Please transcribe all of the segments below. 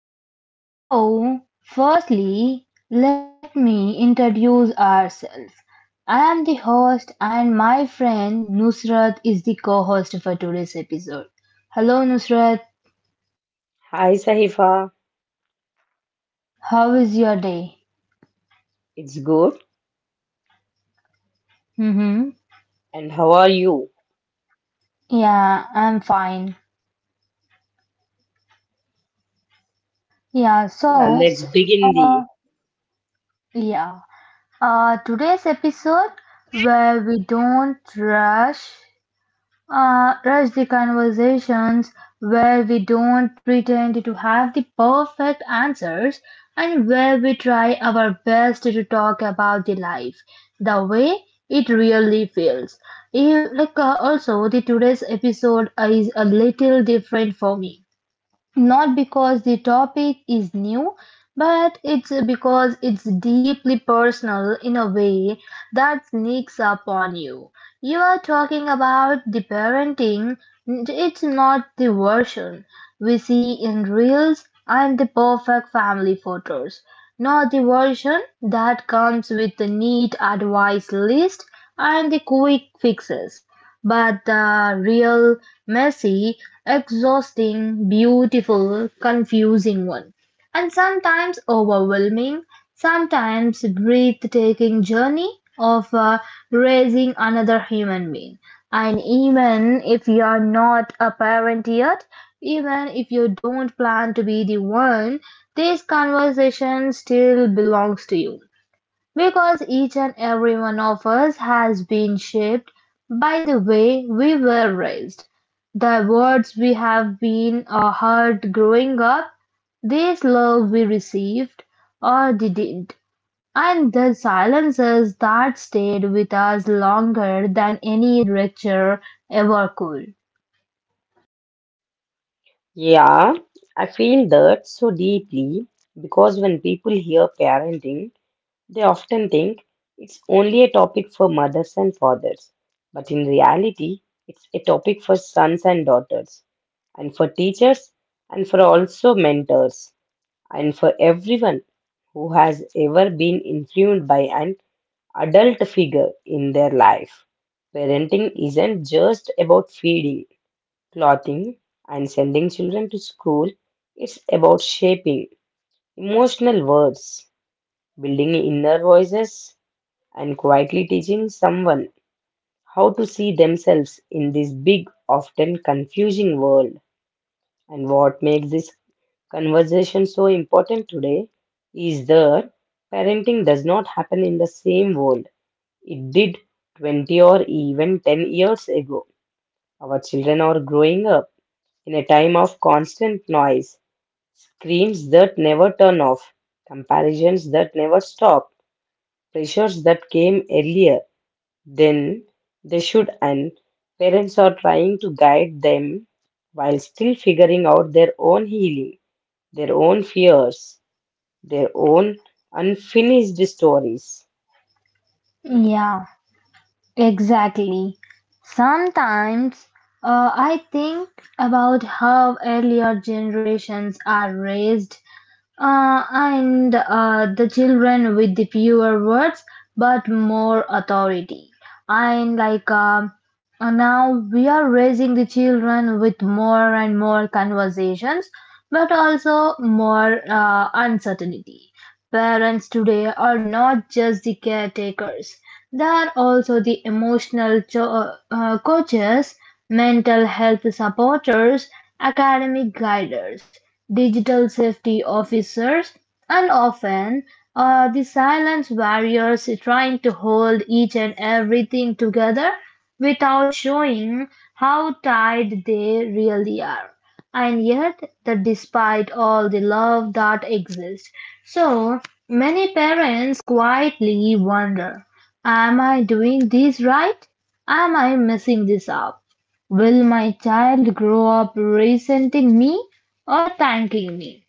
podcast. So, firstly, let me introduce ourselves. I am the host, and my friend Nusrat is the co host for today's episode. Hello, Nusrat, Hi Sahifa, how is your day? it's good. Mm-hmm. And how are you? Yeah, I'm fine. Yeah, Yeah, so, let's begin the. uh, yeah, Today's episode where we don't rush rush the conversations, where we don't pretend to have the perfect answers, and where we try our best to talk about the life the way it really feels. You, like Also, the today's episode is a little different for me, not because the topic is new, but it's because it's deeply personal in a way that sneaks up on you. You are talking about the parenting. It's not the version we see in reels and the perfect family photos, not the version that comes with the neat advice list and the quick fixes. But the real, messy, exhausting, beautiful, confusing one. And sometimes overwhelming, sometimes breathtaking journey of raising another human being. And even if you are not a parent yet, even if you don't plan to be the one, this conversation still belongs to you. Because each and every one of us has been shaped by the way we were raised, the words we have been or heard growing up, the love we received or didn't, and the silences that stayed with us longer than any lecture ever could. Yeah, I feel that so deeply because when people hear parenting, they often think it's only a topic for mothers and fathers. But in reality, it's a topic for sons and daughters, and for teachers, and for also mentors, and for everyone who has ever been influenced by and adult figure in their life. Parenting isn't just about feeding, clothing, and sending children to school. It's about shaping emotional words, building inner voices, and quietly teaching someone how to see themselves in this big, often confusing world. And what makes this conversation so important today is that parenting does not happen in the same world it did 20 or even 10 years ago. Our children are growing up in a time of constant noise, screens that never turn off, comparisons that never stop, pressures that came earlier than they should, and parents are trying to guide them while still figuring out their own healing, their own fears, their own unfinished stories. Yeah, exactly. Sometimes I think about how earlier generations are raised. And The children with the fewer words but more authority. And now we are raising the children with more and more conversations, but also more uncertainty. Parents today are not just the caretakers, they are also the emotional coaches, mental health supporters, academic guiders, digital safety officers, and often the silent warriors trying to hold each and everything together without showing how tied they really are, and yet that despite all the love that exists. So many parents quietly wonder, am I doing this right? Am I messing this up? Will my child grow up resenting me or thanking me?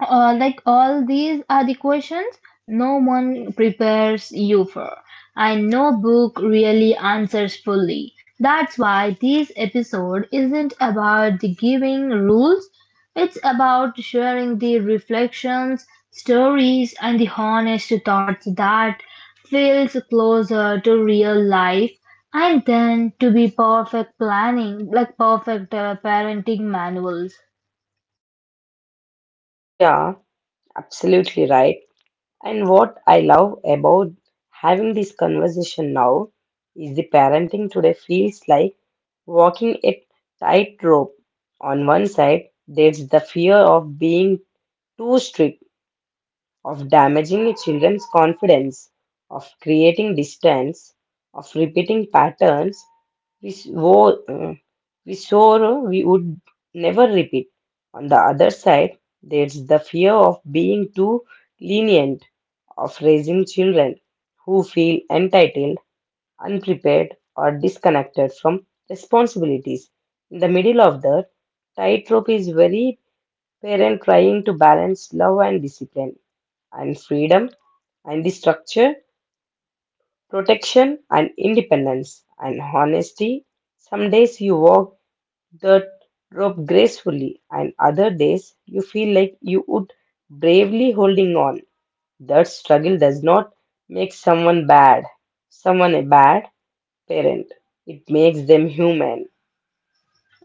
Like all these are the questions no one prepares you for, and no book really answers fully. That's why this episode isn't about the giving rules. It's about sharing the reflections, stories, and the honest thoughts that feels closer to real life, and then to be perfect planning, like perfect parenting manuals. Yeah, absolutely right. And what I love about having this conversation now is the parenting today feels like walking a tightrope. On one side, there's the fear of being too strict, of damaging a children's confidence, of creating distance, of repeating patterns we, swore, uh, we swore we would never repeat. On the other side, there's the fear of being too lenient, of raising children who feel entitled, unprepared, or disconnected from responsibilities. In the middle of the tightrope is very parent trying to balance love and discipline, and freedom, and the structure, protection, and independence, and honesty. Some days you walk the rope gracefully, and other days you feel like you would bravely holding on. That struggle does not make someone bad, someone a bad parent. It makes them human.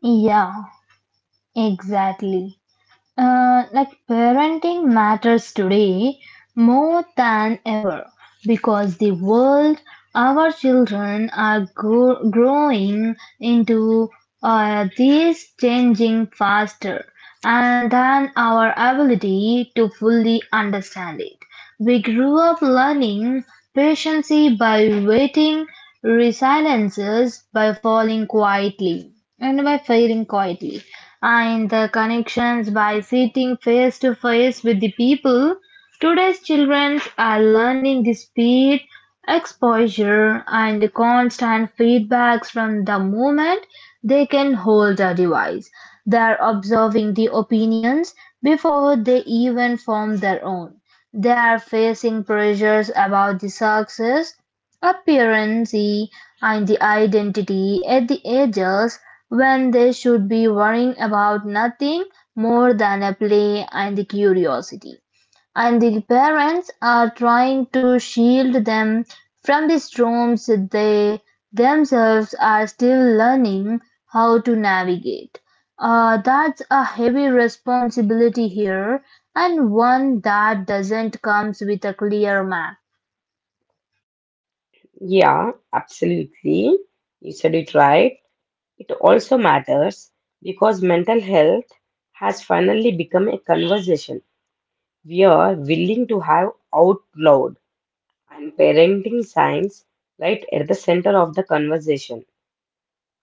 Yeah, exactly. Like parenting matters today more than ever, because the world our children are growing into is changing faster and than our ability to fully understand it. We grew up learning patience by waiting, resiliences by falling quietly and by failing quietly, and the connections by sitting face to face with the people. Today's children are learning the speed, exposure, and constant feedbacks from the moment they can hold a device. They are observing the opinions before they even form their own. They are facing pressures about the success, appearance, and the identity at the ages when they should be worrying about nothing more than a play and the curiosity. And the parents are trying to shield them from the storms they themselves are still learning how to navigate. That's a heavy responsibility here, and one that doesn't comes with a clear map. Yeah, absolutely. You said it right. It also matters because mental health has finally become a conversation we are willing to have out loud, and parenting science right at the center of the conversation.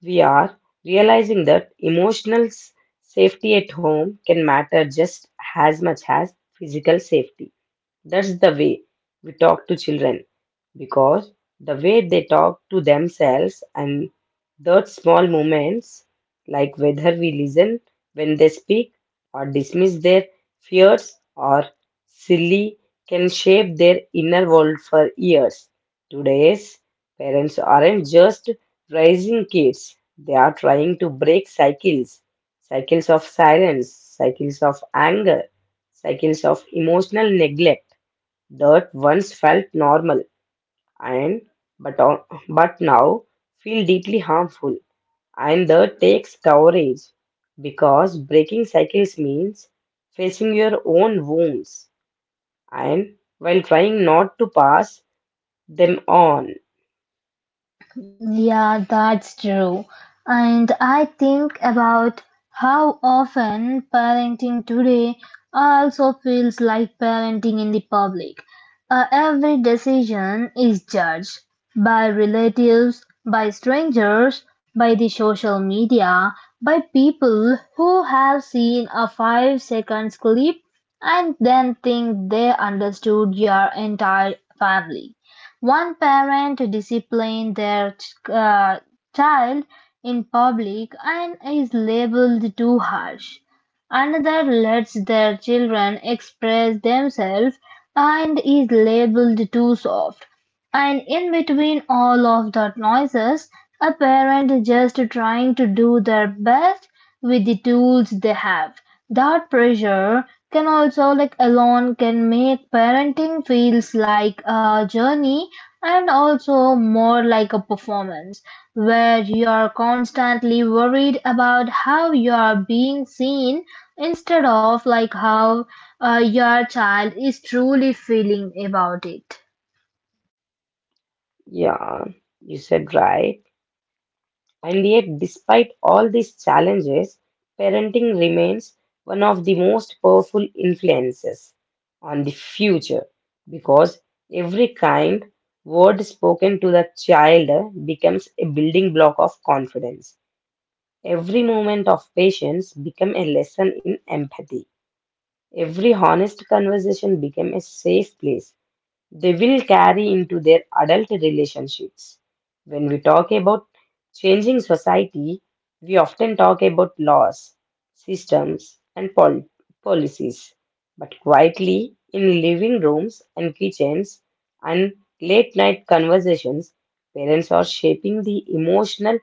We are realizing that emotional safety at home can matter just as much as physical safety. That's the way we talk to children, because the way they talk to themselves and those small moments, like whether we listen when they speak or dismiss their fears or silly, can shape their inner world for years. Today's parents aren't just raising kids, they are trying to break cycles, cycles of silence, cycles of anger, cycles of emotional neglect that once felt normal and but on, but now feel deeply harmful, and that takes courage because breaking cycles means facing your own wounds and while trying not to pass them on. Yeah, that's true. And I think about how often parenting today also feels like parenting in the public. Every decision is judged by relatives, by strangers, by the social media, by people who have seen a five seconds clip and then think they understood your entire family. One parent discipline their child in public and is labeled too harsh. Another lets their children express themselves and is labeled too soft. And in between all of the noises, a parent just trying to do their best with the tools they have. That pressure can also like alone can make parenting feels like a journey, and also more like a performance where you are constantly worried about how you are being seen instead of like how your child is truly feeling about it. Yeah, you said right. And yet, despite all these challenges, parenting remains one of the most powerful influences on the future, because every kind word spoken to the child becomes a building block of confidence. Every moment of patience becomes a lesson in empathy. Every honest conversation becomes a safe place they will carry into their adult relationships. When we talk about changing society, we often talk about laws, systems, and policies. But quietly, in living rooms and kitchens and late night conversations, parents are shaping the emotional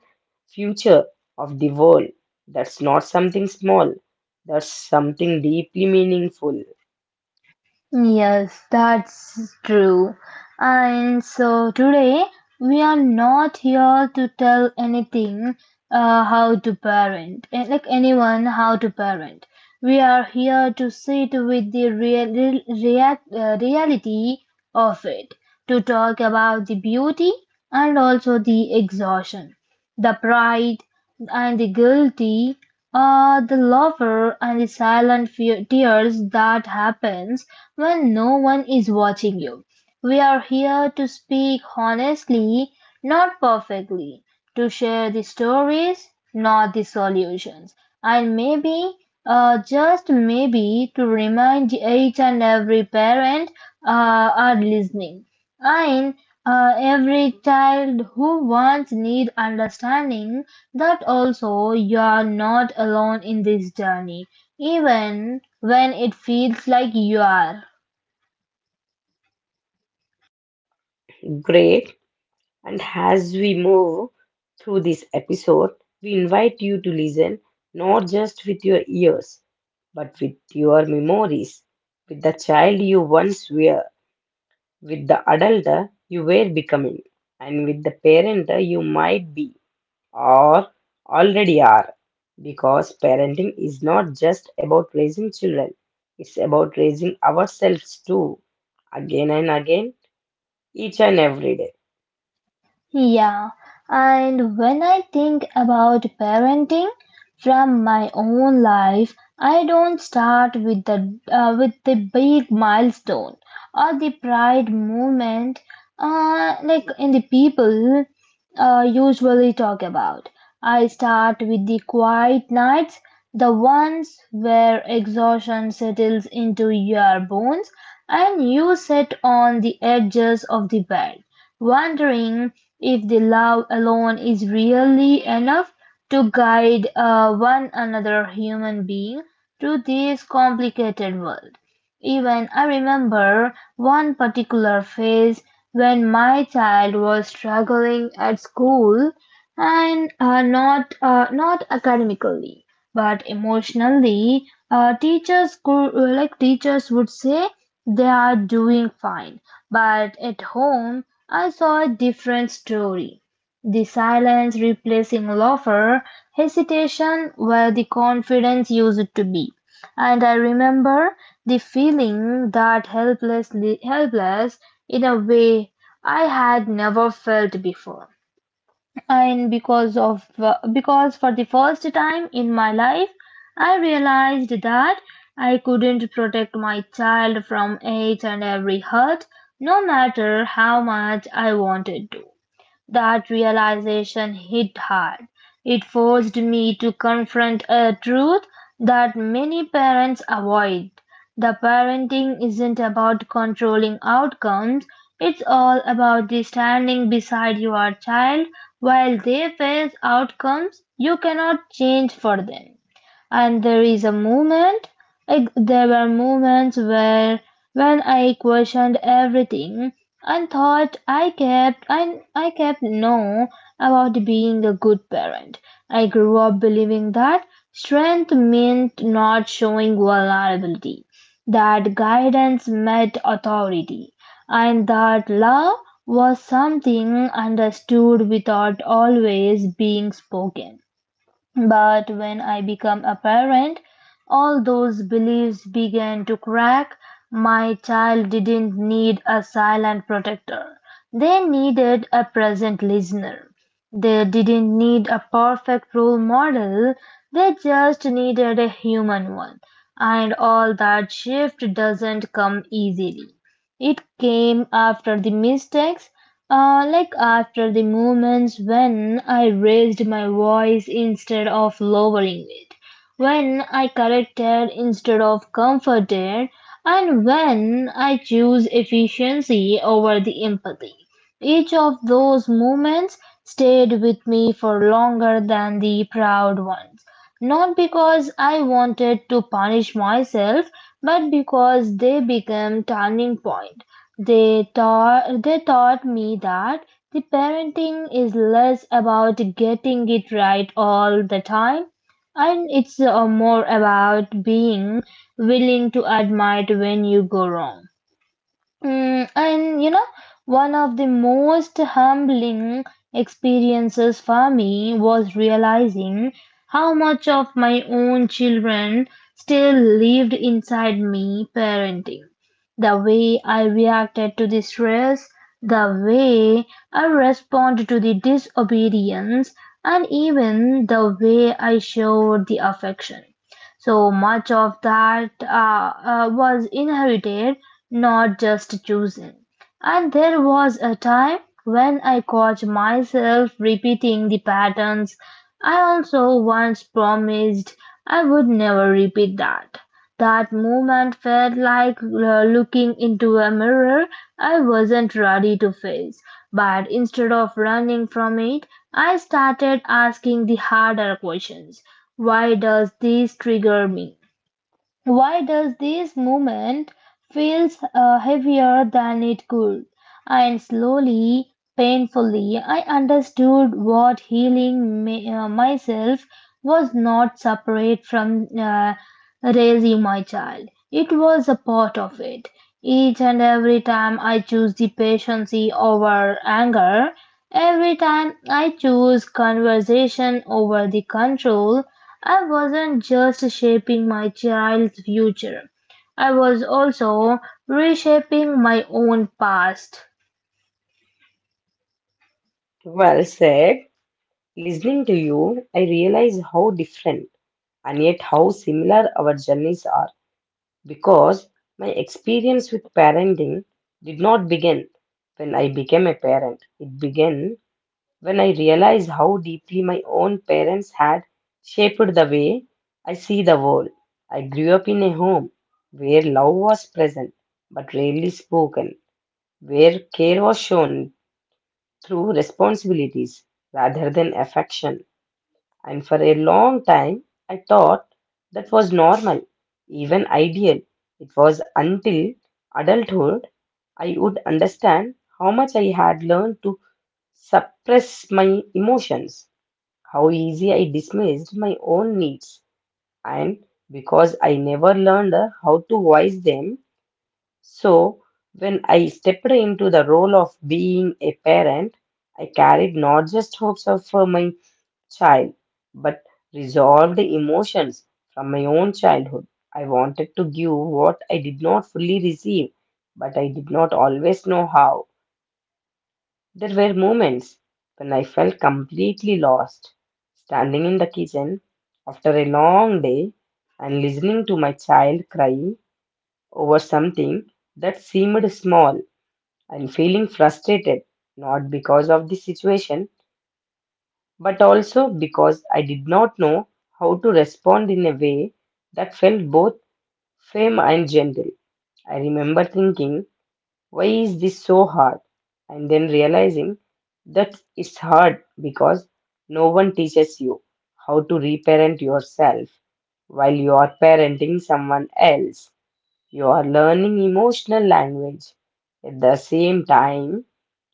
future of the world. That's not something small, that's something deeply meaningful. Yes, that's true. And so today we are not here to tell anything how to parent, eh, like anyone how to parent. We are here to sit with the reality of it, to talk about the beauty and also the exhaustion, the pride and the guilty, the lover and the silent tears that happens when no one is watching you. We are here to speak honestly, not perfectly, to share the stories, not the solutions, and maybe, just maybe, to remind each and every parent are listening, and every child who wants need understanding that also you are not alone in this journey, even when it feels like you are. Great. And as we move through this episode, we invite you to listen not just with your ears, but with your memories, with the child you once were, with the adult you were becoming, and with the parent you might be or already are. Because parenting is not just about raising children, it's about raising ourselves too, again and again, each and every day. Yeah, and when I think about parenting from my own life, I don't start with the big milestone or the pride moment, like in the people usually talk about. I start with the quiet nights, the ones where exhaustion settles into your bones, and you sit on the edges of the bed, wondering if the love alone is really enough to guide one another human being through this complicated world. Even I remember one particular phase when my child was struggling at school, and not academically but emotionally. Teachers could like teachers would say they are doing fine, but at home I saw a different story, the silence replacing laughter, hesitation where the confidence used to be. And I remember the feeling that helplessly helpless in a way I had never felt before. And because of because for the first time in my life, I realized that I couldn't protect my child from each and every hurt, no matter how much I wanted to. That realization hit hard. It forced me to confront a truth that many parents avoid. The parenting isn't about controlling outcomes, it's all about the standing beside your child while they face outcomes you cannot change for them. And there is a moment Eg- There were moments where when I questioned everything, and thought I kept no about being a good parent. I grew up believing that strength meant not showing vulnerability, that guidance meant authority, and that love was something understood without always being spoken. But when I became a parent, all those beliefs began to crack. My child didn't need a silent protector. They needed a present listener. They didn't need a perfect role model. They just needed a human one. And all that shift doesn't come easily. It came after the mistakes, like after the moments when I raised my voice instead of lowering it, when I corrected instead of comforted, and when I choose efficiency over the empathy. Each of those moments stayed with me for longer than the proud ones, not because I wanted to punish myself, but because they became turning point. They taught me that the parenting is less about getting it right all the time, and it's more about being willing to admit when you go wrong. Mm, and you know, one of the most humbling experiences for me was realizing how much of my own children still lived inside me parenting. The way I reacted to the stress, the way I responded to the disobedience, and even the way I showed the affection. So much of that was inherited, not just chosen. And there was a time when I caught myself repeating the patterns I also once promised I would never repeat. That That moment felt like looking into a mirror I wasn't ready to face. But instead of running from it, I started asking the harder questions. Why does this trigger me? Why does this moment feels heavier than it could? And slowly, painfully, I understood what healing myself was not separate from raising my child. It was a part of it. Each and every time I choose the patience over anger, every time I choose conversation over the control, I wasn't just shaping my child's future, I was also reshaping my own past. Well said. Listening to you, I realize how different and yet how similar our journeys are, because my experience with parenting did not begin when I became a parent. It began when I realized how deeply my own parents had shaped the way I see the world. I grew up in a home where love was present but rarely spoken, where care was shown through responsibilities rather than affection, and for a long time, I thought that was normal, even ideal. It was until adulthood I would understand how much I had learned to suppress my emotions, how easy I dismissed my own needs, and because I never learned how to voice them. So, when I stepped into the role of being a parent, I carried not just hopes of my child, but resolve the emotions from my own childhood. I wanted to give what I did not fully receive, but I did not always know how. There were moments when I felt completely lost, standing in the kitchen after a long day and listening to my child cry over something that seemed small and feeling frustrated, not because of the situation but also because I did not know how to respond in a way that felt both firm and gentle. I remember thinking, why is this so hard? And then realizing that it's hard because no one teaches you how to reparent yourself while you are parenting someone else. You are learning emotional language at the same time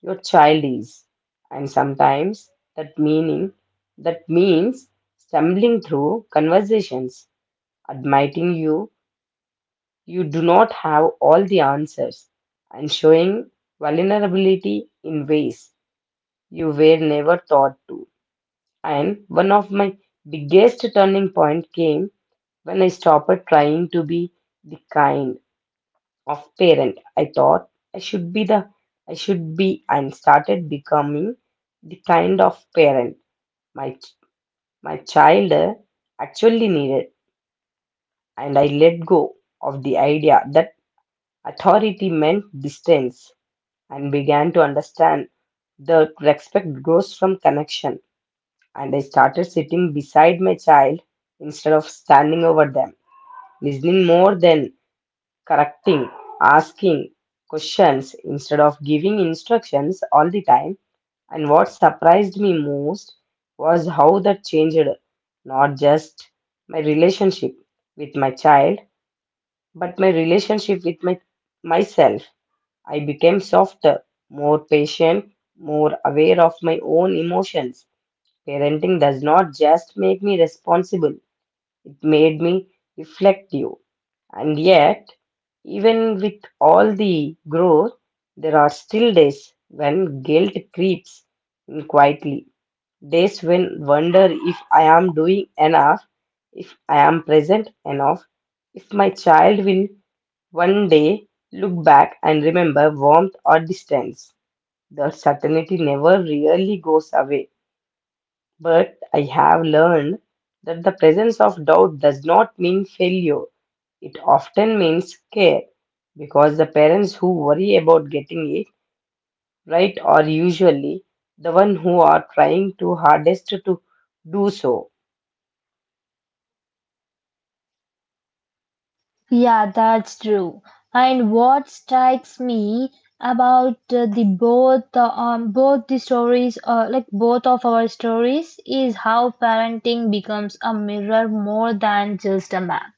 your child is. And sometimes that meaning that means stumbling through conversations, admitting you do not have all the answers, and showing vulnerability in ways you were never taught to. And one of my biggest turning point came when I stopped trying to be the kind of parent. I thought I should be the I should be and started becoming the kind of parent my my child actually needed, and I let go of the idea that authority meant distance and began to understand that respect grows from connection, and I started sitting beside my child instead of standing over them, listening more than correcting, asking questions instead of giving instructions all the time. And what surprised me most was how that changed not just my relationship with my child, but my relationship with myself. I became softer, more patient, more aware of my own emotions. Parenting does not just make me responsible, it made me reflective. And yet, even with all the growth, there are still days when guilt creeps in quietly. Days when wonder if I am doing enough, if I am present enough, if my child will one day look back and remember warmth or distance. The certainty never really goes away. But I have learned that the presence of doubt does not mean failure. It often means care, because the parents who worry about getting it right are usually the one who are trying to hardest to do so. Yeah, that's true. And what strikes me about the both both the stories, like both of our stories, is how parenting becomes a mirror more than just a map.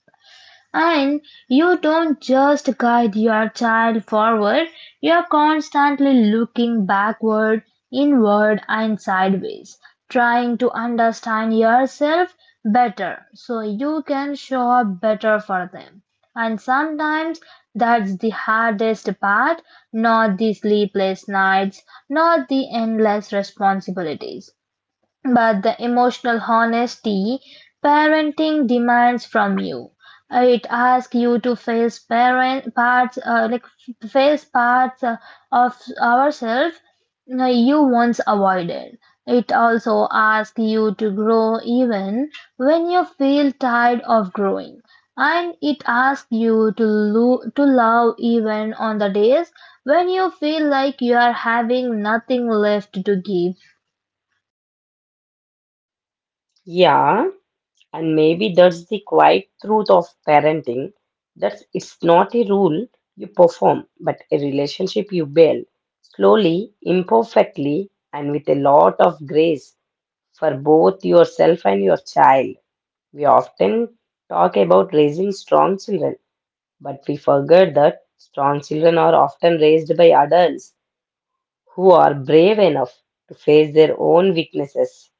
And you don't just guide your child forward, you're constantly looking backward, inward, and sideways, trying to understand yourself better so you can show up better for them. And sometimes that's the hardest part, not the sleepless nights, not the endless responsibilities, but the emotional honesty parenting demands from you. It asks you to face parent parts, like f- face parts of ourselves you once avoided. It also asks you to grow even when you feel tired of growing, and it asks you to love even on the days when you feel like you are having nothing left to give. Yeah, and maybe that's the quiet truth of parenting. That it's not a rule you perform, but a relationship you build slowly, imperfectly, and with a lot of grace for both yourself and your child. We often talk about raising strong children, but we forget that strong children are often raised by adults who are brave enough to face their own weaknesses.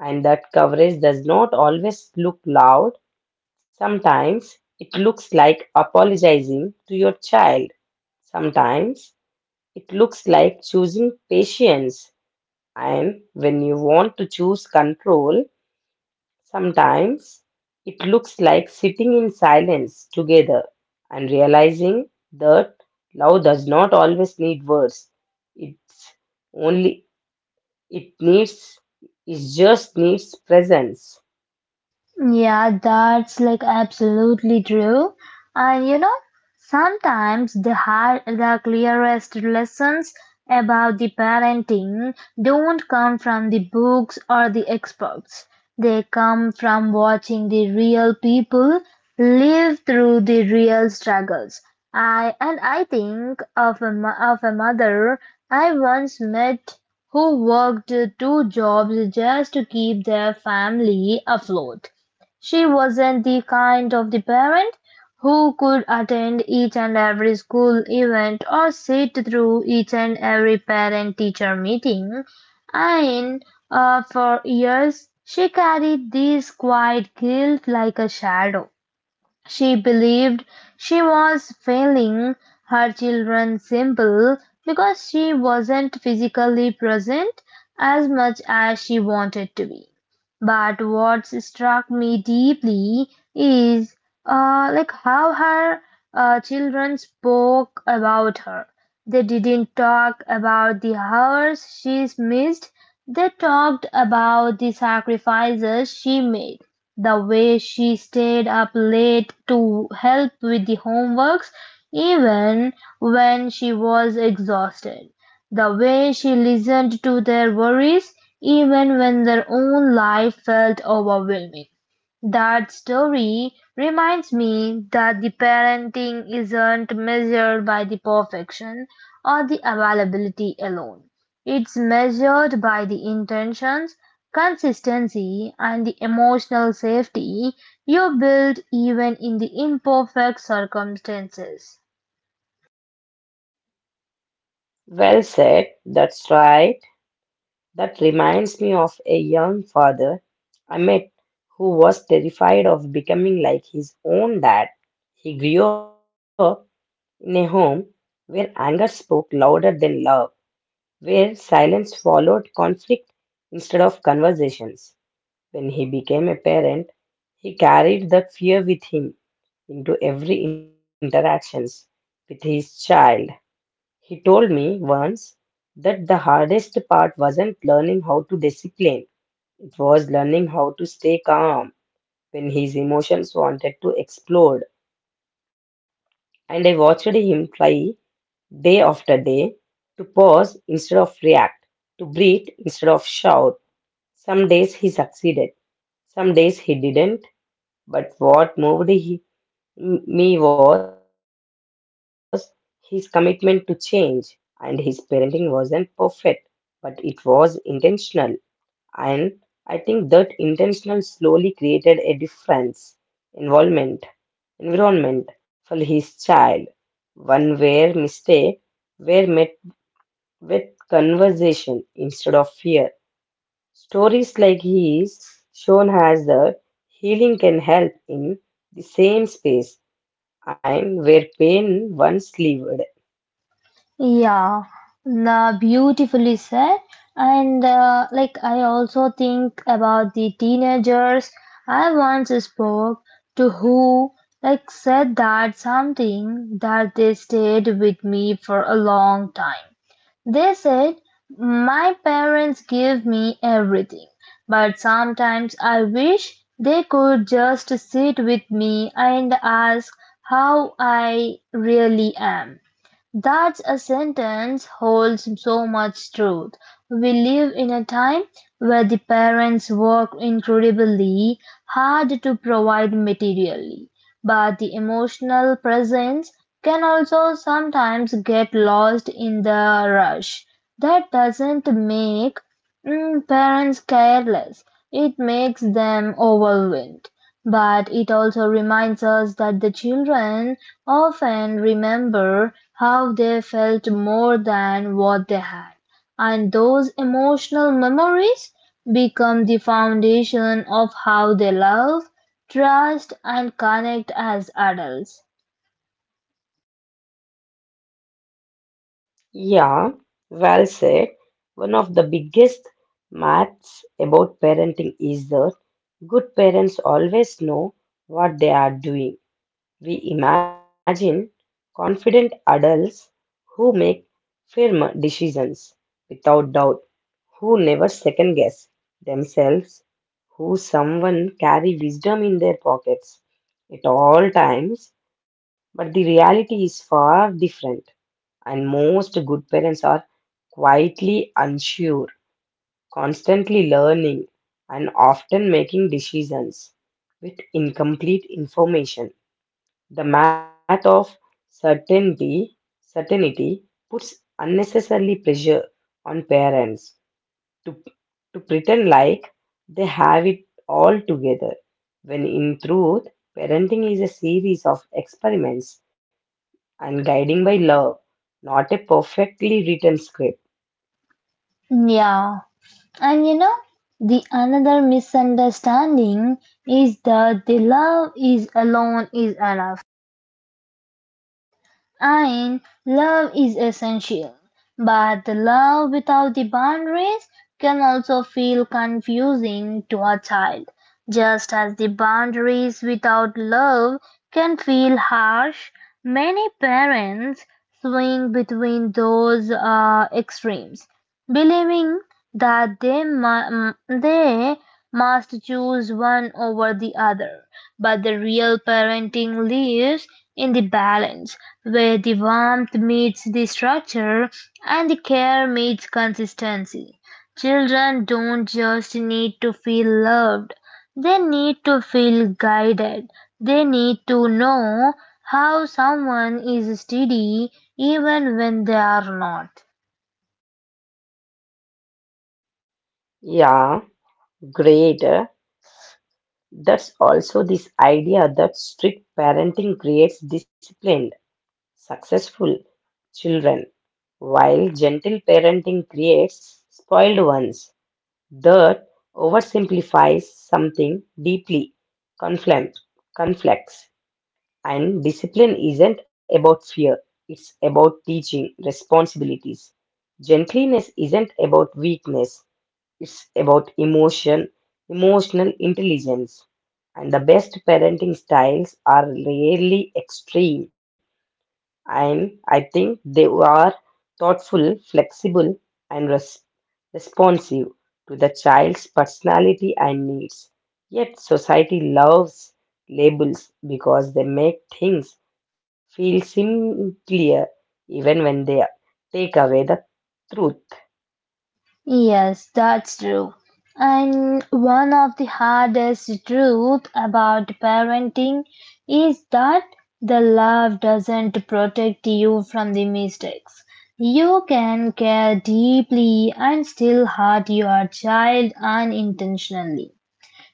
And that coverage does not always look loud. Sometimes it looks like apologizing to your child. Sometimes it looks like choosing patience. And when you want to choose control, sometimes it looks like sitting in silence together and realizing that love does not always need words. It's only it needs it just needs presence. Yeah, that's like absolutely true. And you know, sometimes the clearest lessons about the parenting don't come from the books or the experts. They come from watching the real people live through the real struggles. I think of a mother I once met who worked two jobs just to keep their family afloat. She wasn't the kind of the parent who could attend each and every school event or sit through each and every parent-teacher meeting. And for years, she carried this quiet guilt like a shadow. She believed she was failing her children simply because she wasn't physically present as much as she wanted to be. But what struck me deeply is like how her children spoke about her. They didn't talk about the hours she's missed. They talked about the sacrifices she made the way she stayed up late to help with the homeworks, even when she was exhausted. The way she listened to their worries, even when their own life felt overwhelming. That story reminds me that the parenting isn't measured by the perfection or the availability alone. It's measured by the intentions, consistency, and the emotional safety you build even in the imperfect circumstances. Well said, that's right. That reminds me of a young father I met who was terrified of becoming like his own dad. He grew up in a home where anger spoke louder than love, where silence followed conflict instead of conversations. When he became a parent, he carried that fear with him into every interactions with his child. He told me once that the hardest part wasn't learning how to discipline. It was learning how to stay calm when his emotions wanted to explode. And I watched him try day after day to pause instead of react, to breathe instead of shout. Some days he succeeded, some days he didn't, but what moved me was his commitment to change. And his parenting wasn't perfect, but it was intentional. And I think that intentional slowly created a difference involvement, environment for his child. One where mistake were met with conversation instead of fear. Stories like his shown has the healing can help in the same space and where pain once lived. Yeah, the beautifully said. And like I also think about the teenagers I once spoke to who like said that something that they stayed with me for a long time. They said, my parents give me everything, but sometimes I wish they could just sit with me and ask how I really am. That's a sentence holds so much truth. We live in a time where the parents work incredibly hard to provide materially, but the emotional presence can also sometimes get lost in the rush. That doesn't make parents careless, it makes them overwhelmed. But it also reminds us that the children often remember how they felt more than what they had. And those emotional memories become the foundation of how they love, trust, and connect as adults. Yeah, well said. One of the biggest maths about parenting is that good parents always know what they are doing. We imagine confident adults who make firm decisions without doubt, who never second guess themselves, who someone carry wisdom in their pockets at all times. But the reality is far different, and most good parents are quietly unsure, constantly learning, and often making decisions with incomplete information. The math of certainty, certainty puts unnecessarily pressure on parents to, to pretend like they have it all together, when in truth, parenting is a series of experiments and guiding by love, not a perfectly written script. Yeah, and you know, the another misunderstanding is that the love is alone is enough. And love is essential, but the love without the boundaries can also feel confusing to a child, just as the boundaries without love can feel harsh. Many parents swing between those extremes, believing that they must choose one over the other but the real parenting lives in the balance where the warmth meets the structure and the care meets consistency. Children don't just need to feel loved, they need to feel guided. They need to know how someone is steady even when they are not. Yeah, great. That's also this idea that strict parenting creates disciplined, successful children, while gentle parenting creates spoiled ones. Dirt oversimplifies something deeply conflict, conflicts, and discipline isn't about fear. It's about teaching responsibilities. Gentleness isn't about weakness. It's about emotional intelligence. And the best parenting styles are rarely extreme. And I think they are thoughtful, flexible, and responsive to the child's personality and needs. Yet society loves labels because they make things feel simpler even when they take away the truth. Yes, that's true. And one of the hardest truths about parenting is that the love doesn't protect you from the mistakes. You can care deeply and still hurt your child unintentionally.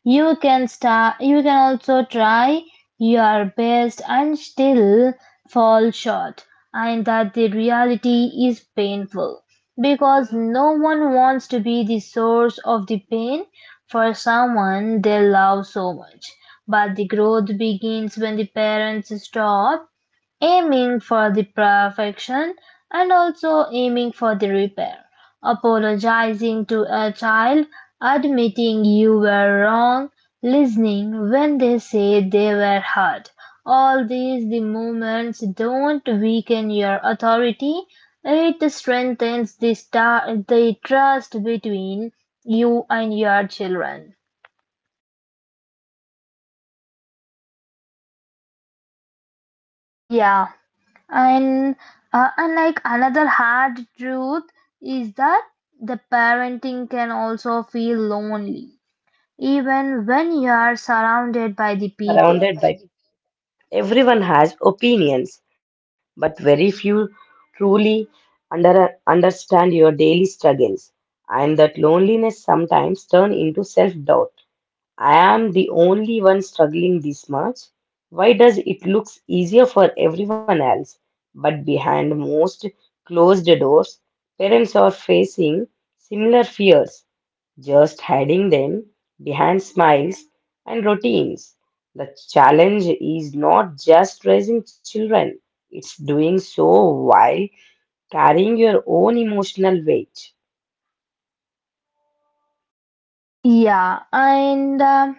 You can also try your best and still fall short and that the reality is painful because no one wants to be the source of the pain for someone they love so much. But the growth begins when the parents stop aiming for the perfection and also aiming for the repair. Apologizing to a child, admitting you were wrong, listening when they say they were hurt. All these the movements don't weaken your authority. It strengthens the trust between you and your children. Yeah, and unlike another hard truth is that the parenting can also feel lonely, even when you are surrounded by the people. Surrounded by Everyone has opinions, but very few truly understand your daily struggles, and that loneliness sometimes turn into self-doubt. I am the only one struggling this much. Why does it looks easier for everyone else? But behind most closed doors, parents are facing similar fears just hiding them behind smiles and routines. The challenge is not just raising children, it's doing so while carrying your own emotional weight. Yeah, and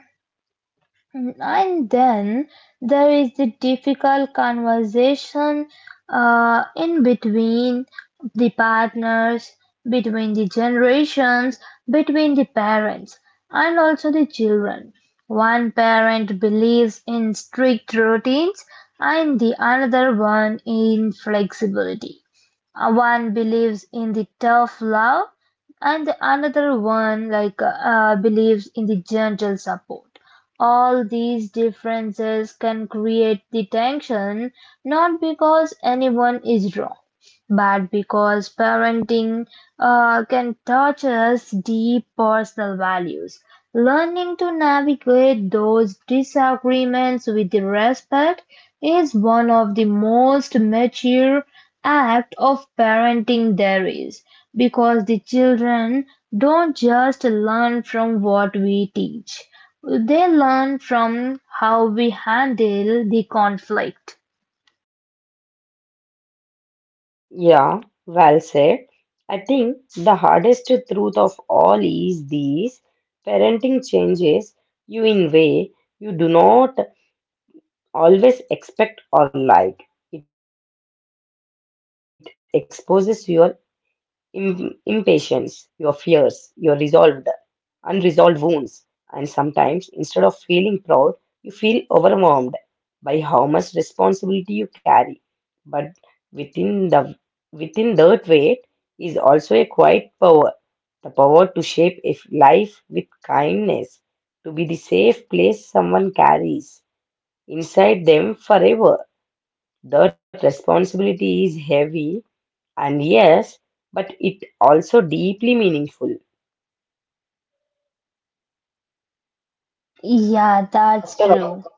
and then there is the difficult conversation in between the partners, between the generations, between the parents, and also the children. One parent believes in strict routines, and the another one in flexibility. One believes in the tough love, and the another one like believes in the gentle support all these differences can create the tension not because anyone is wrong, but because parenting can touch us deep personal values. Learning to navigate those disagreements with respect is one of the most mature act of parenting there is because the children don't just learn from what we teach they learn from how we handle the conflict. Yeah, well said. I think the hardest truth of all is these parenting changes you in way you do not always expect or like. It exposes your impatience, your fears, your resolve unresolved wounds. And sometimes, instead of feeling proud, you feel overwhelmed by how much responsibility you carry. But within the within that weight is also a quiet power, the power to shape a life with kindness, to be the safe place someone carries inside them forever. That responsibility is heavy, and yes, but it also deeply meaningful. Yeah, that's true. After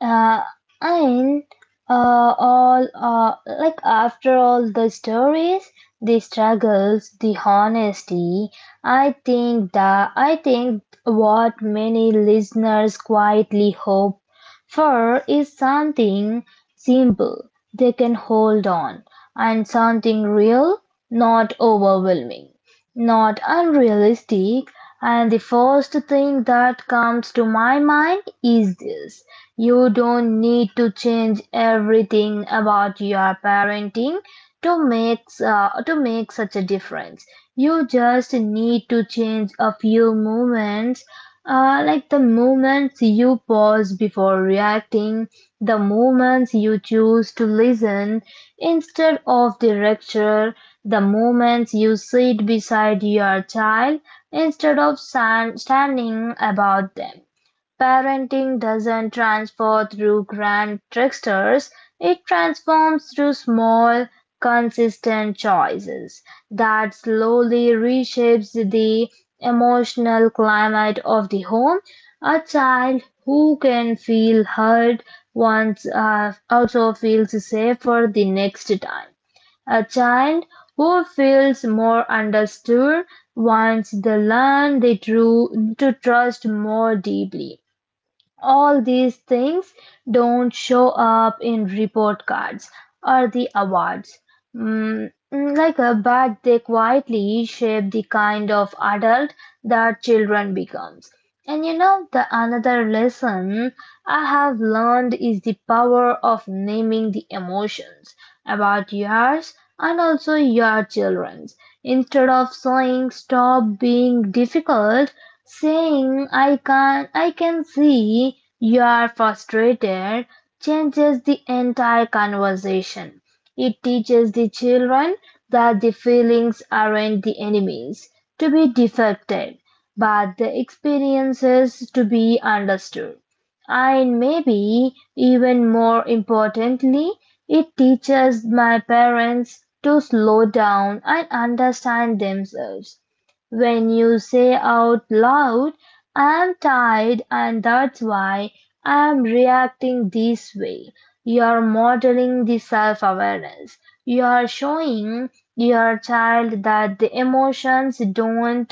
Uh, and uh, all like after all the stories, the struggles, the honesty, I think what many listeners quietly hope for is something simple they can hold on and something real, not overwhelming. Not unrealistic, and the first thing that comes to my mind is this: you don't need to change everything about your parenting to make such a difference. You just need to change a few movements, like the moments you pause before reacting, the moments you choose to listen instead of the lecture, the moments you sit beside your child instead of standing about them. Parenting doesn't transfer through grand tricksters. It transforms through small, consistent choices that slowly reshapes the emotional climate of the home. A child who can feel heard once also feels safer the next time. A child who feels more understood wants to learn the true to trust more deeply. All these things don't show up in report cards or the awards. But they quietly shape the kind of adult that children become. And you know, the another lesson I have learned is the power of naming the emotions about yours and also your children's. Instead of saying stop being difficult, saying I can see you are frustrated changes the entire conversation. It teaches the children that the feelings aren't the enemies to be defected but the experiences to be understood. And maybe even more importantly, it teaches my parents to slow down and understand themselves. When you say out loud, I'm tired and that's why I'm reacting this way, you're modeling the self-awareness, you're showing your child that the emotions don't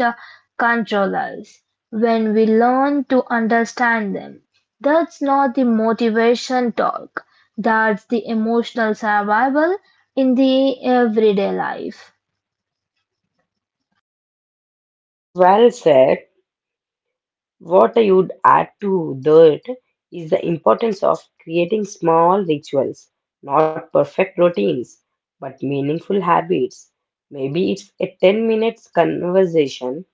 control us. When we learn to understand them, that's not the motivation talk, that's the emotional survival in the everyday life. Well said. What I would add to that is the importance of creating small rituals, not perfect routines, but meaningful habits. Maybe it's a 10 minutes conversation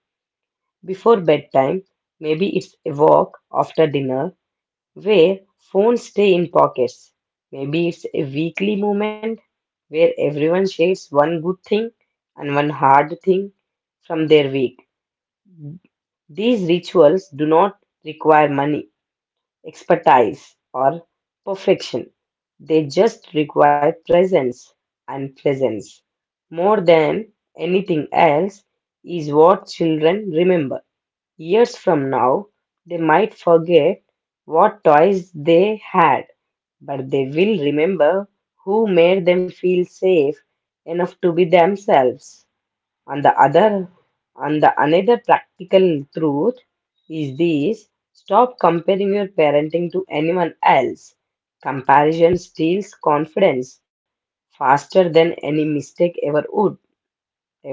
before bedtime, maybe it's a walk after dinner where phones stay in pockets, maybe it's a weekly moment where everyone shares one good thing and one hard thing from their week. These rituals do not require money, expertise, or perfection. They just require presence, and presence, more than anything else, is what children remember. Years from now, they might forget what toys they had, but they will remember who made them feel safe enough to be themselves and the other and the another practical truth is this: stop comparing your parenting to anyone else. Comparison steals confidence faster than any mistake ever would.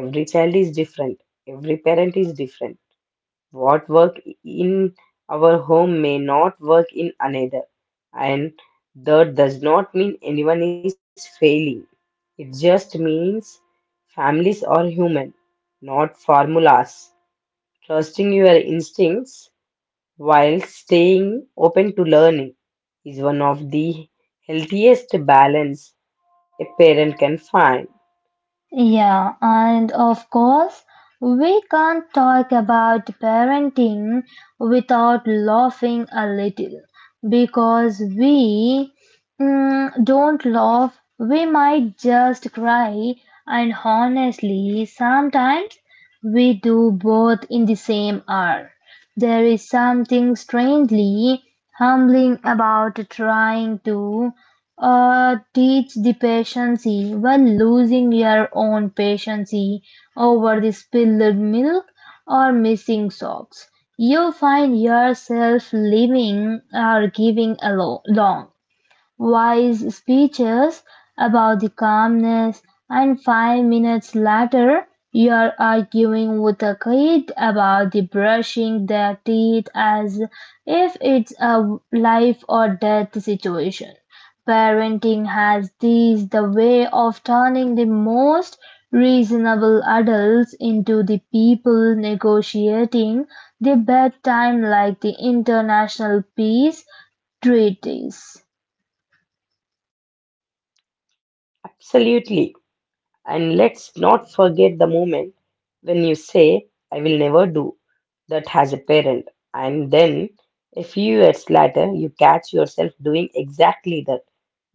Every child is different, every parent is different, what work in our home may not work in another. And that does not mean anyone is failing. It just means families are human, not formulas. Trusting your instincts while staying open to learning is one of the healthiest balance a parent can find. Yeah, and of course, we can't talk about parenting without laughing a little because we don't laugh, we might just cry, and honestly, sometimes we do both in the same hour. There is something strangely humbling about trying to teach the patience while losing your own patience over the spilled milk or missing socks. You find yourself living or giving along wise speeches about the calmness, and 5 minutes later, you're arguing with a kid about the brushing their teeth as if it's a life or death situation. Parenting has this the way of turning the most reasonable adults into the people negotiating the bedtime like the international peace treaties. Absolutely. And let's not forget the moment when you say, I will never do that as a parent, and then a few years later, you catch yourself doing exactly that.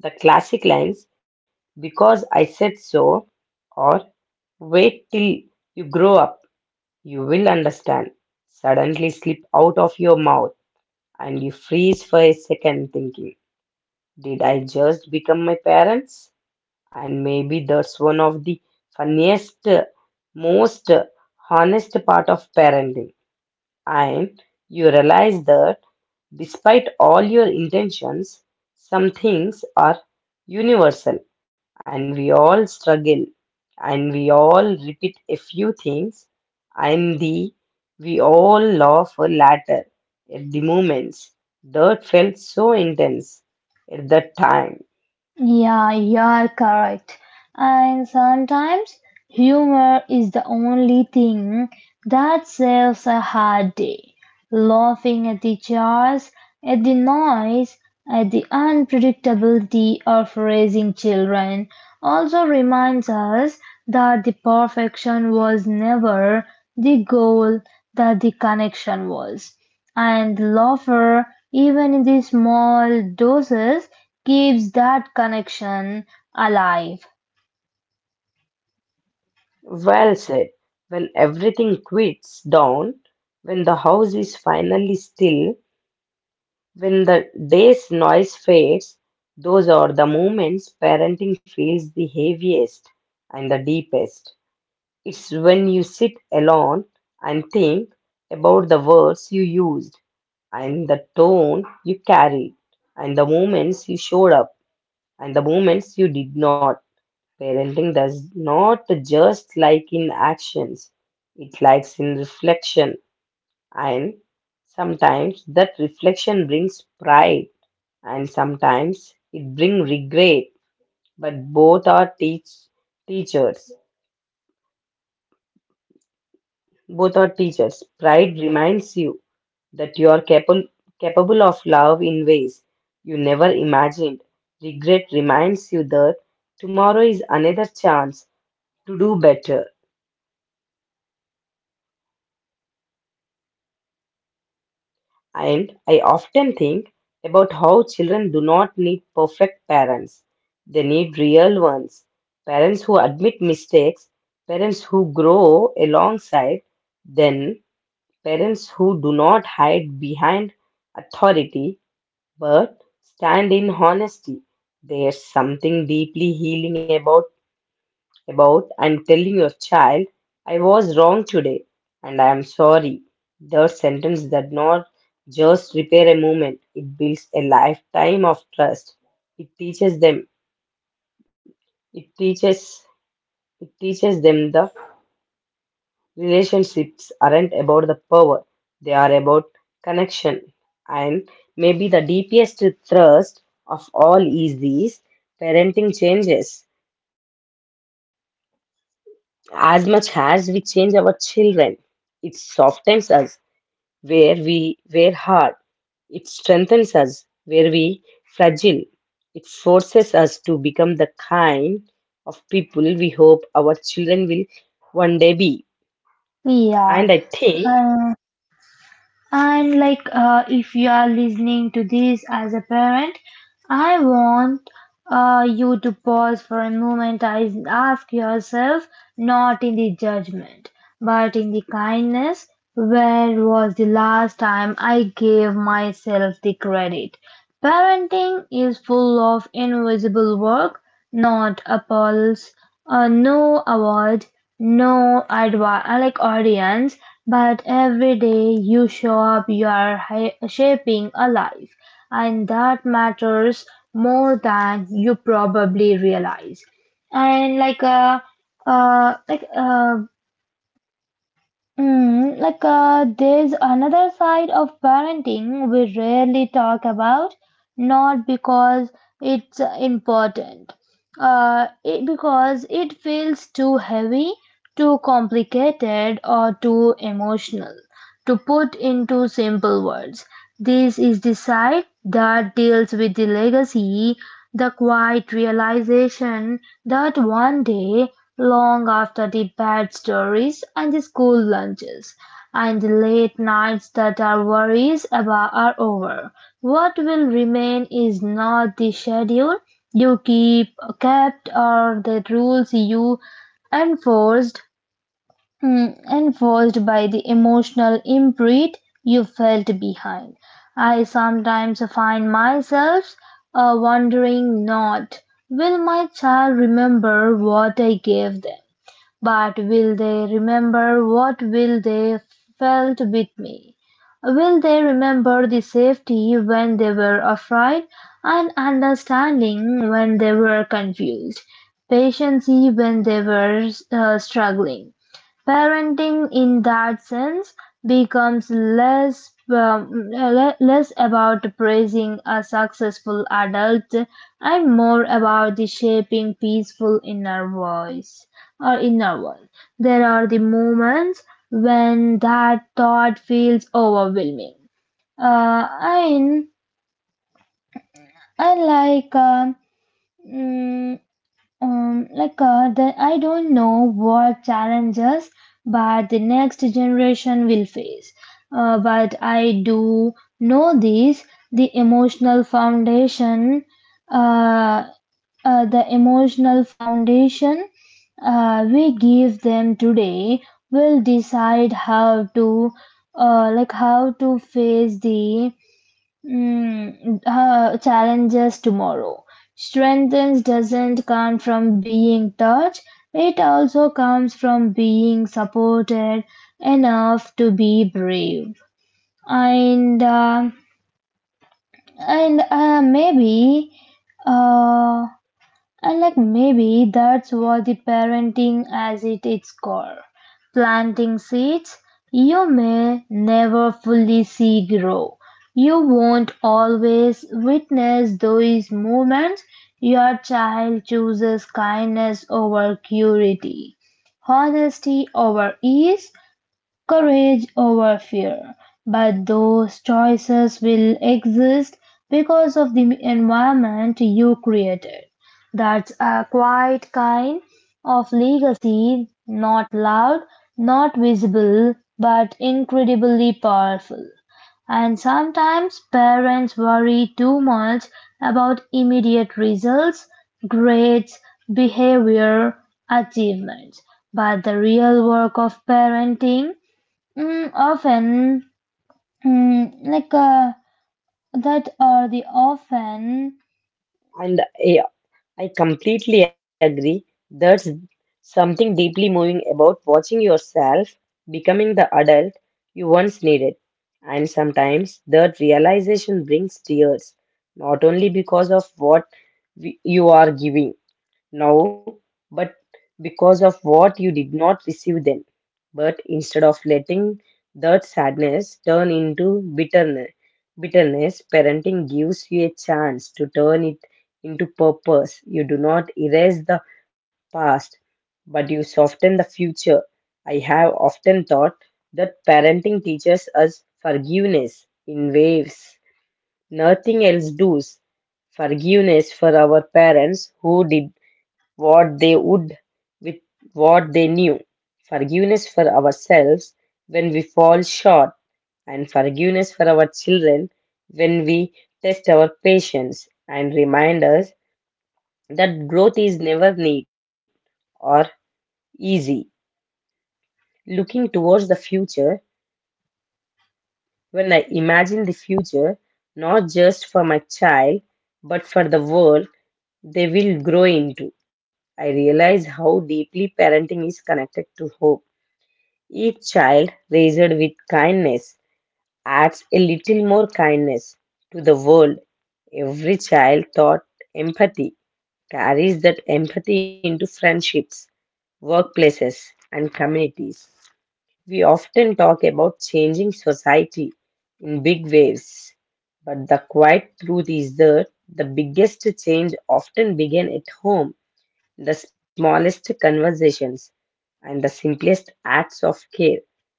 The classic lines, because I said so, or wait till you grow up, you will understand, suddenly slip out of your mouth and you freeze for a second thinking, did I just become my parents? And maybe that's one of the funniest, most honest part of parenting. And you realize that despite all your intentions, some things are universal and we all struggle and we all repeat a few things and the we all laugh later at the moments that felt so intense at that time. Yeah, you're correct. And sometimes humor is the only thing that saves a hard day. Laughing at the jars, at the noise, at the unpredictability of raising children also reminds us that the perfection was never the goal, that the connection was. And the laughter, even in the small doses, keeps that connection alive. Well said. When everything quits down, when the house is finally still, when the day's noise fades, those are the moments parenting feels the heaviest and the deepest. It's when you sit alone and think about the words you used and the tone you carried and the moments you showed up and the moments you did not. Parenting does not just like in actions, it likes in reflection, and sometimes that reflection brings pride, and sometimes it brings regret. But both are teachers. Both are teachers. Pride reminds you that you are capable capable of love in ways you never imagined. Regret reminds you that tomorrow is another chance to do better. And I often think about how children do not need perfect parents. They need real ones. Parents who admit mistakes, parents who grow alongside, then parents who do not hide behind authority but stand in honesty. There's something deeply healing about and telling your child, I was wrong today and I am sorry. That sentence does not just repair a moment, it builds a lifetime of trust. It teaches them, it teaches, it teaches them the relationships aren't about the power, they are about connection. And maybe the deepest thrust of all is these parenting changes. As much as we change our children, it softens us where we were hard. It strengthens us where we fragile. It forces us to become the kind of people we hope our children will one day be. And Yeah, I think, and. And like, if you are listening to this as a parent, I want you to pause for a moment and ask yourself, not in the judgment, but in the kindness, where was the last time I gave myself the credit? Parenting is full of invisible work, not appals no award, no like audience, but every day you show up, you are shaping a life, and that matters more than you probably realize. And uh, like uh, there's another side of parenting we rarely talk about, not because it's important, because it feels too heavy, too complicated, or too emotional. To put into simple words, this is the side that deals with the legacy, the quiet realization that one day, long after the bad stories and the school lunches and the late nights that our worries about are over, what will remain is not the schedule you keep kept or the rules you enforced enforced by the emotional imprint you felt behind. I sometimes find myself wondering not, will my child remember what I gave them? But will they remember what will they felt with me? Will they remember the safety when they were afraid and understanding when they were confused, patience when they were struggling? Parenting in that sense becomes less about praising a successful adult and more about the shaping peaceful inner voice or in novels. There are the moments when that thought feels overwhelming. And I like mm, like that I don't know what challenges but the next generation will face. But I do know this: the emotional foundation uh, uh, the emotional foundation we give them today will decide how to face the challenges tomorrow. Strength doesn't come from being taught, it also comes from being supported enough to be brave. And uh, and uh, maybe uh, and like maybe that's what the parenting as at its core. Planting seeds you may never fully see grow. You won't always witness those moments your child chooses kindness over curiosity, honesty over ease, courage over fear. But those choices will exist because of the environment you created. That's a quiet kind of legacy, not loud, not visible, but incredibly powerful. And sometimes parents worry too much about immediate results, grades, behavior, achievements. But the real work of parenting, Mm, often, mm, like that are the often, and I I completely agree. There's something deeply moving about watching yourself becoming the adult you once needed. And sometimes that realization brings tears, not only because of what you are giving now, but because of what you did not receive then. But instead of letting that sadness turn into bitterness, parenting gives you a chance to turn it into purpose. You do not erase the past, but you soften the future. I have often thought that parenting teaches us forgiveness in waves. Nothing else does. Forgiveness for our parents who did what they would with what they knew. Forgiveness for ourselves when we fall short. And forgiveness for our children when we test our patience and remind us that growth is never neat or easy. Looking towards the future, when I imagine the future, not just for my child, but for the world they will grow into. I realize how deeply parenting is connected to hope. Each child raised with kindness adds a little more kindness to the world. Every child taught empathy carries that empathy into friendships, workplaces, and communities. We often talk about changing society in big waves, but the quiet truth is that the biggest change often begins at home, the smallest conversations and the simplest acts of care.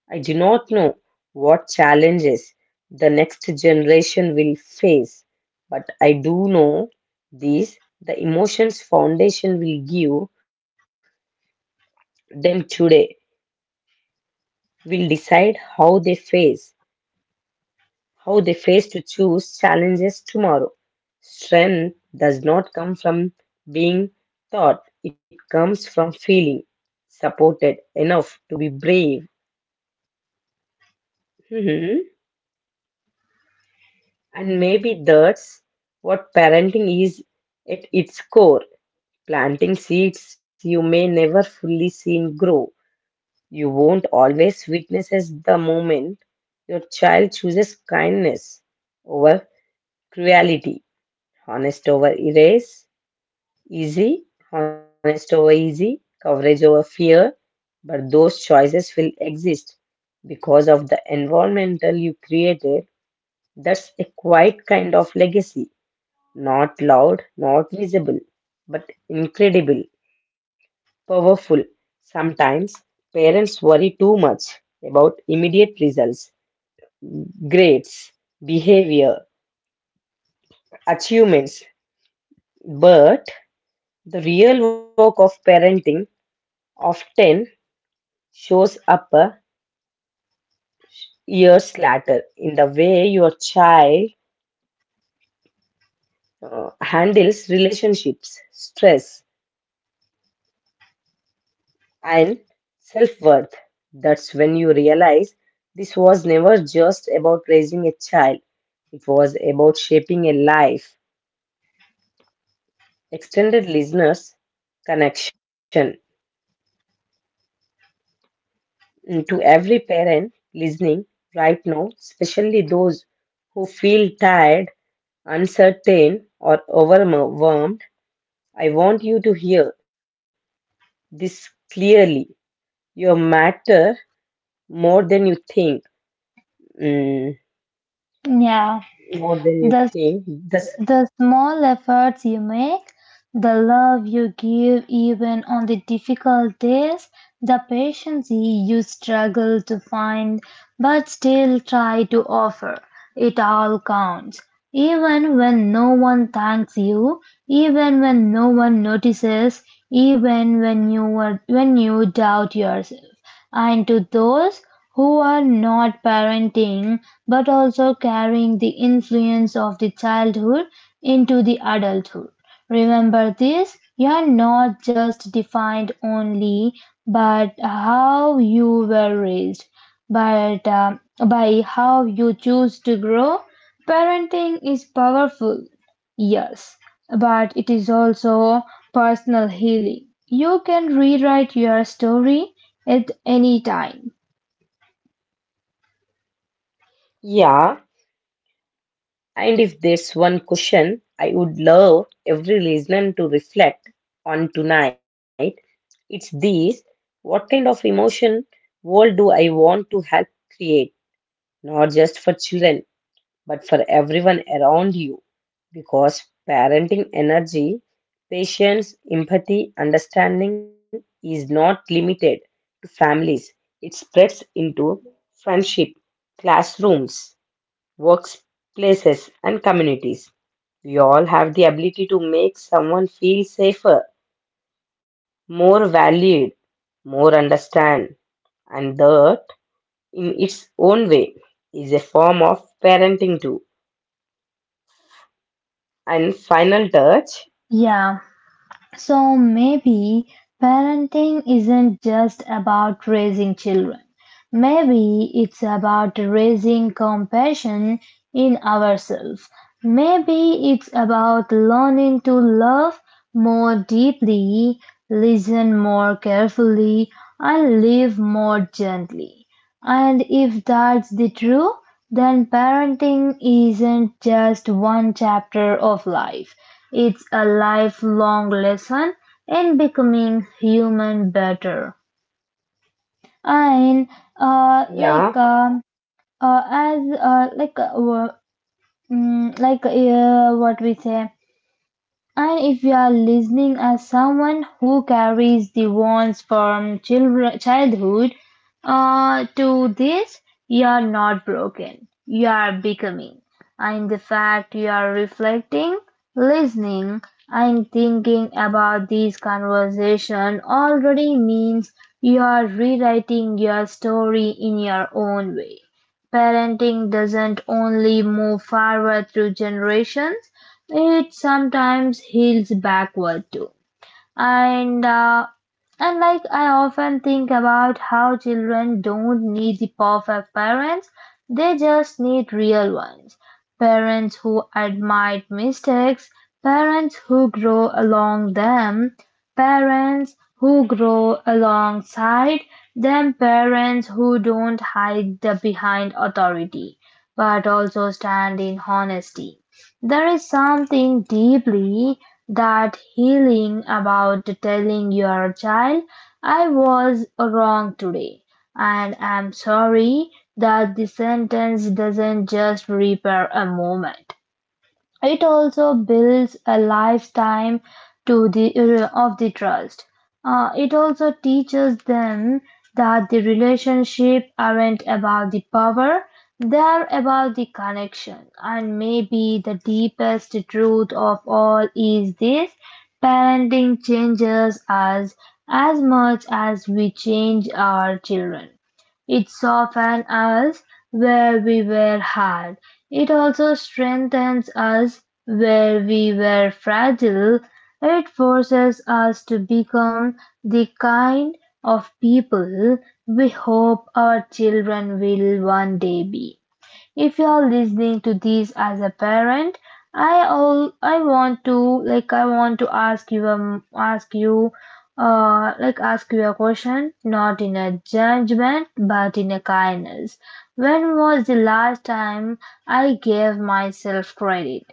I do not know what challenges the next generation will face, but I do know these the emotions foundation will give them today will decide how they face to choose challenges tomorrow. Strength does not come from being taught, it comes from feeling supported enough to be brave. Mhm. And maybe that's what parenting is at its core, planting seeds you may never fully see grow. You won't always witness the moment your child chooses kindness over cruelty, honest over erase Easy, honest over easy, coverage over fear, but those choices will exist because of the environmental you created. That's a quiet kind of legacy. Not loud, not visible, but incredible, powerful. Sometimes parents worry too much about immediate results, grades, behavior, achievements, but the real work of parenting often shows up years later in the way your child handles relationships, stress, and self worth. That's when you realize this was never just about raising a child, it was about shaping a life. Extended listeners connection to every parent listening right now, especially those who feel tired, uncertain, or overwhelmed. I want you to hear this clearly. You matter more than you think. Mm, yeah, more than you the think. That's, the small efforts you make, the love you give even on the difficult days, the patience you struggle to find but still try to offer, it all counts. Even when no one thanks you, even when no one notices, even when when you doubt yourself. And to those who are not parenting but also carrying the influence of the childhood into the adulthood. Remember this, you are not just defined only by how you were raised, but by how you choose to grow. Parenting is powerful, yes, but it is also personal healing. You can rewrite your story at any time. yeah. And if there's one question I would love every listener to reflect on tonight, it's this: what kind of emotion world do I want to help create? Not just for children, but for everyone around you because parenting energy, patience, empathy, understanding is not limited to families. It spreads into friendship, classrooms, workplaces, and communities. We all have the ability to make someone feel safer, more valued, more understand, and that in its own way is a form of parenting too. And final touch. Yeah, so maybe parenting isn't just about raising children. Maybe it's about raising compassion in ourselves. Maybe it's about learning to love more deeply, listen more carefully, and live more gently. And if that's the truth, then parenting isn't just one chapter of life. It's a lifelong lesson in becoming human better. And Yeah, like as like wo- mm, like what we say, and if you are listening as someone who carries the wounds from childhood to this, you are not broken. You are becoming. And the fact you are reflecting, listening, and thinking about this conversation already means you are rewriting your story in your own way. Parenting doesn't only move forward through generations, it sometimes heals backward too. And uh, and I often think about how children don't need the perfect parents, they just need real ones. Parents who admit mistakes, parents who grow along them, parents who grow alongside them, parents who don't hide the behind authority, but also stand in honesty. There is something deeply that healing about telling your child, I was wrong today, and I'm sorry, that the sentence doesn't just repair a moment. It also builds a lifetime to the of the trust. It also teaches them that the relationship aren't about the power, they're about the connection. And maybe the deepest truth of all is this: parenting changes us as much as we change our children. It softens us where we were hard; it also strengthens us where we were fragile; it forces us to become the kind of people we hope our children will one day be. If you're listening to this as a parent, I all I want to I want to ask you a question, not in a judgment but in a kindness. When was the last time I gave myself credit?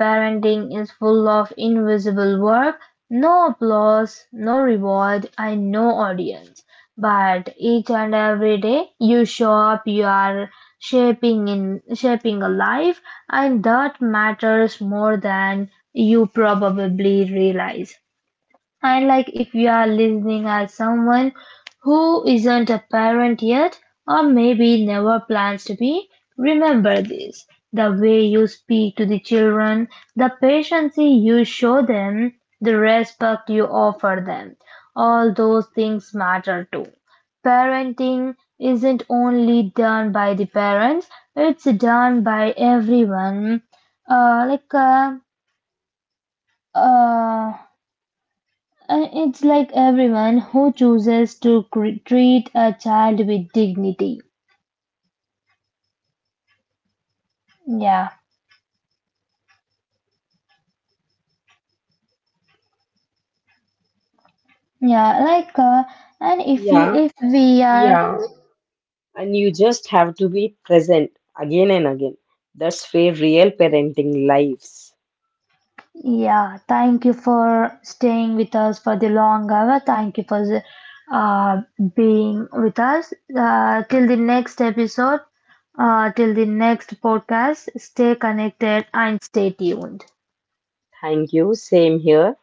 Parenting is full of invisible work, no applause, no reward, and no audience, but each and every day you show up you are shaping a life, and that matters more than you probably realize. And like if you are listening as someone who isn't a parent yet or maybe never plans to be, remember this. The way you speak to the children, the patience you show them, the respect you offer them, all those things matter too. Parenting isn't only done by the parents, it's done by everyone. Uh, like, uh, uh, it's like everyone who chooses to treat a child with dignity. Yeah, yeah. Like, and if yeah, you, If we are, yeah. And you just have to be present again and again. That's where real parenting lives. yeah. Thank you for staying with us for the long hour. Thank you for uh, being with us. Till the next episode. Till the next podcast. Stay connected and stay tuned. Thank you. Same here.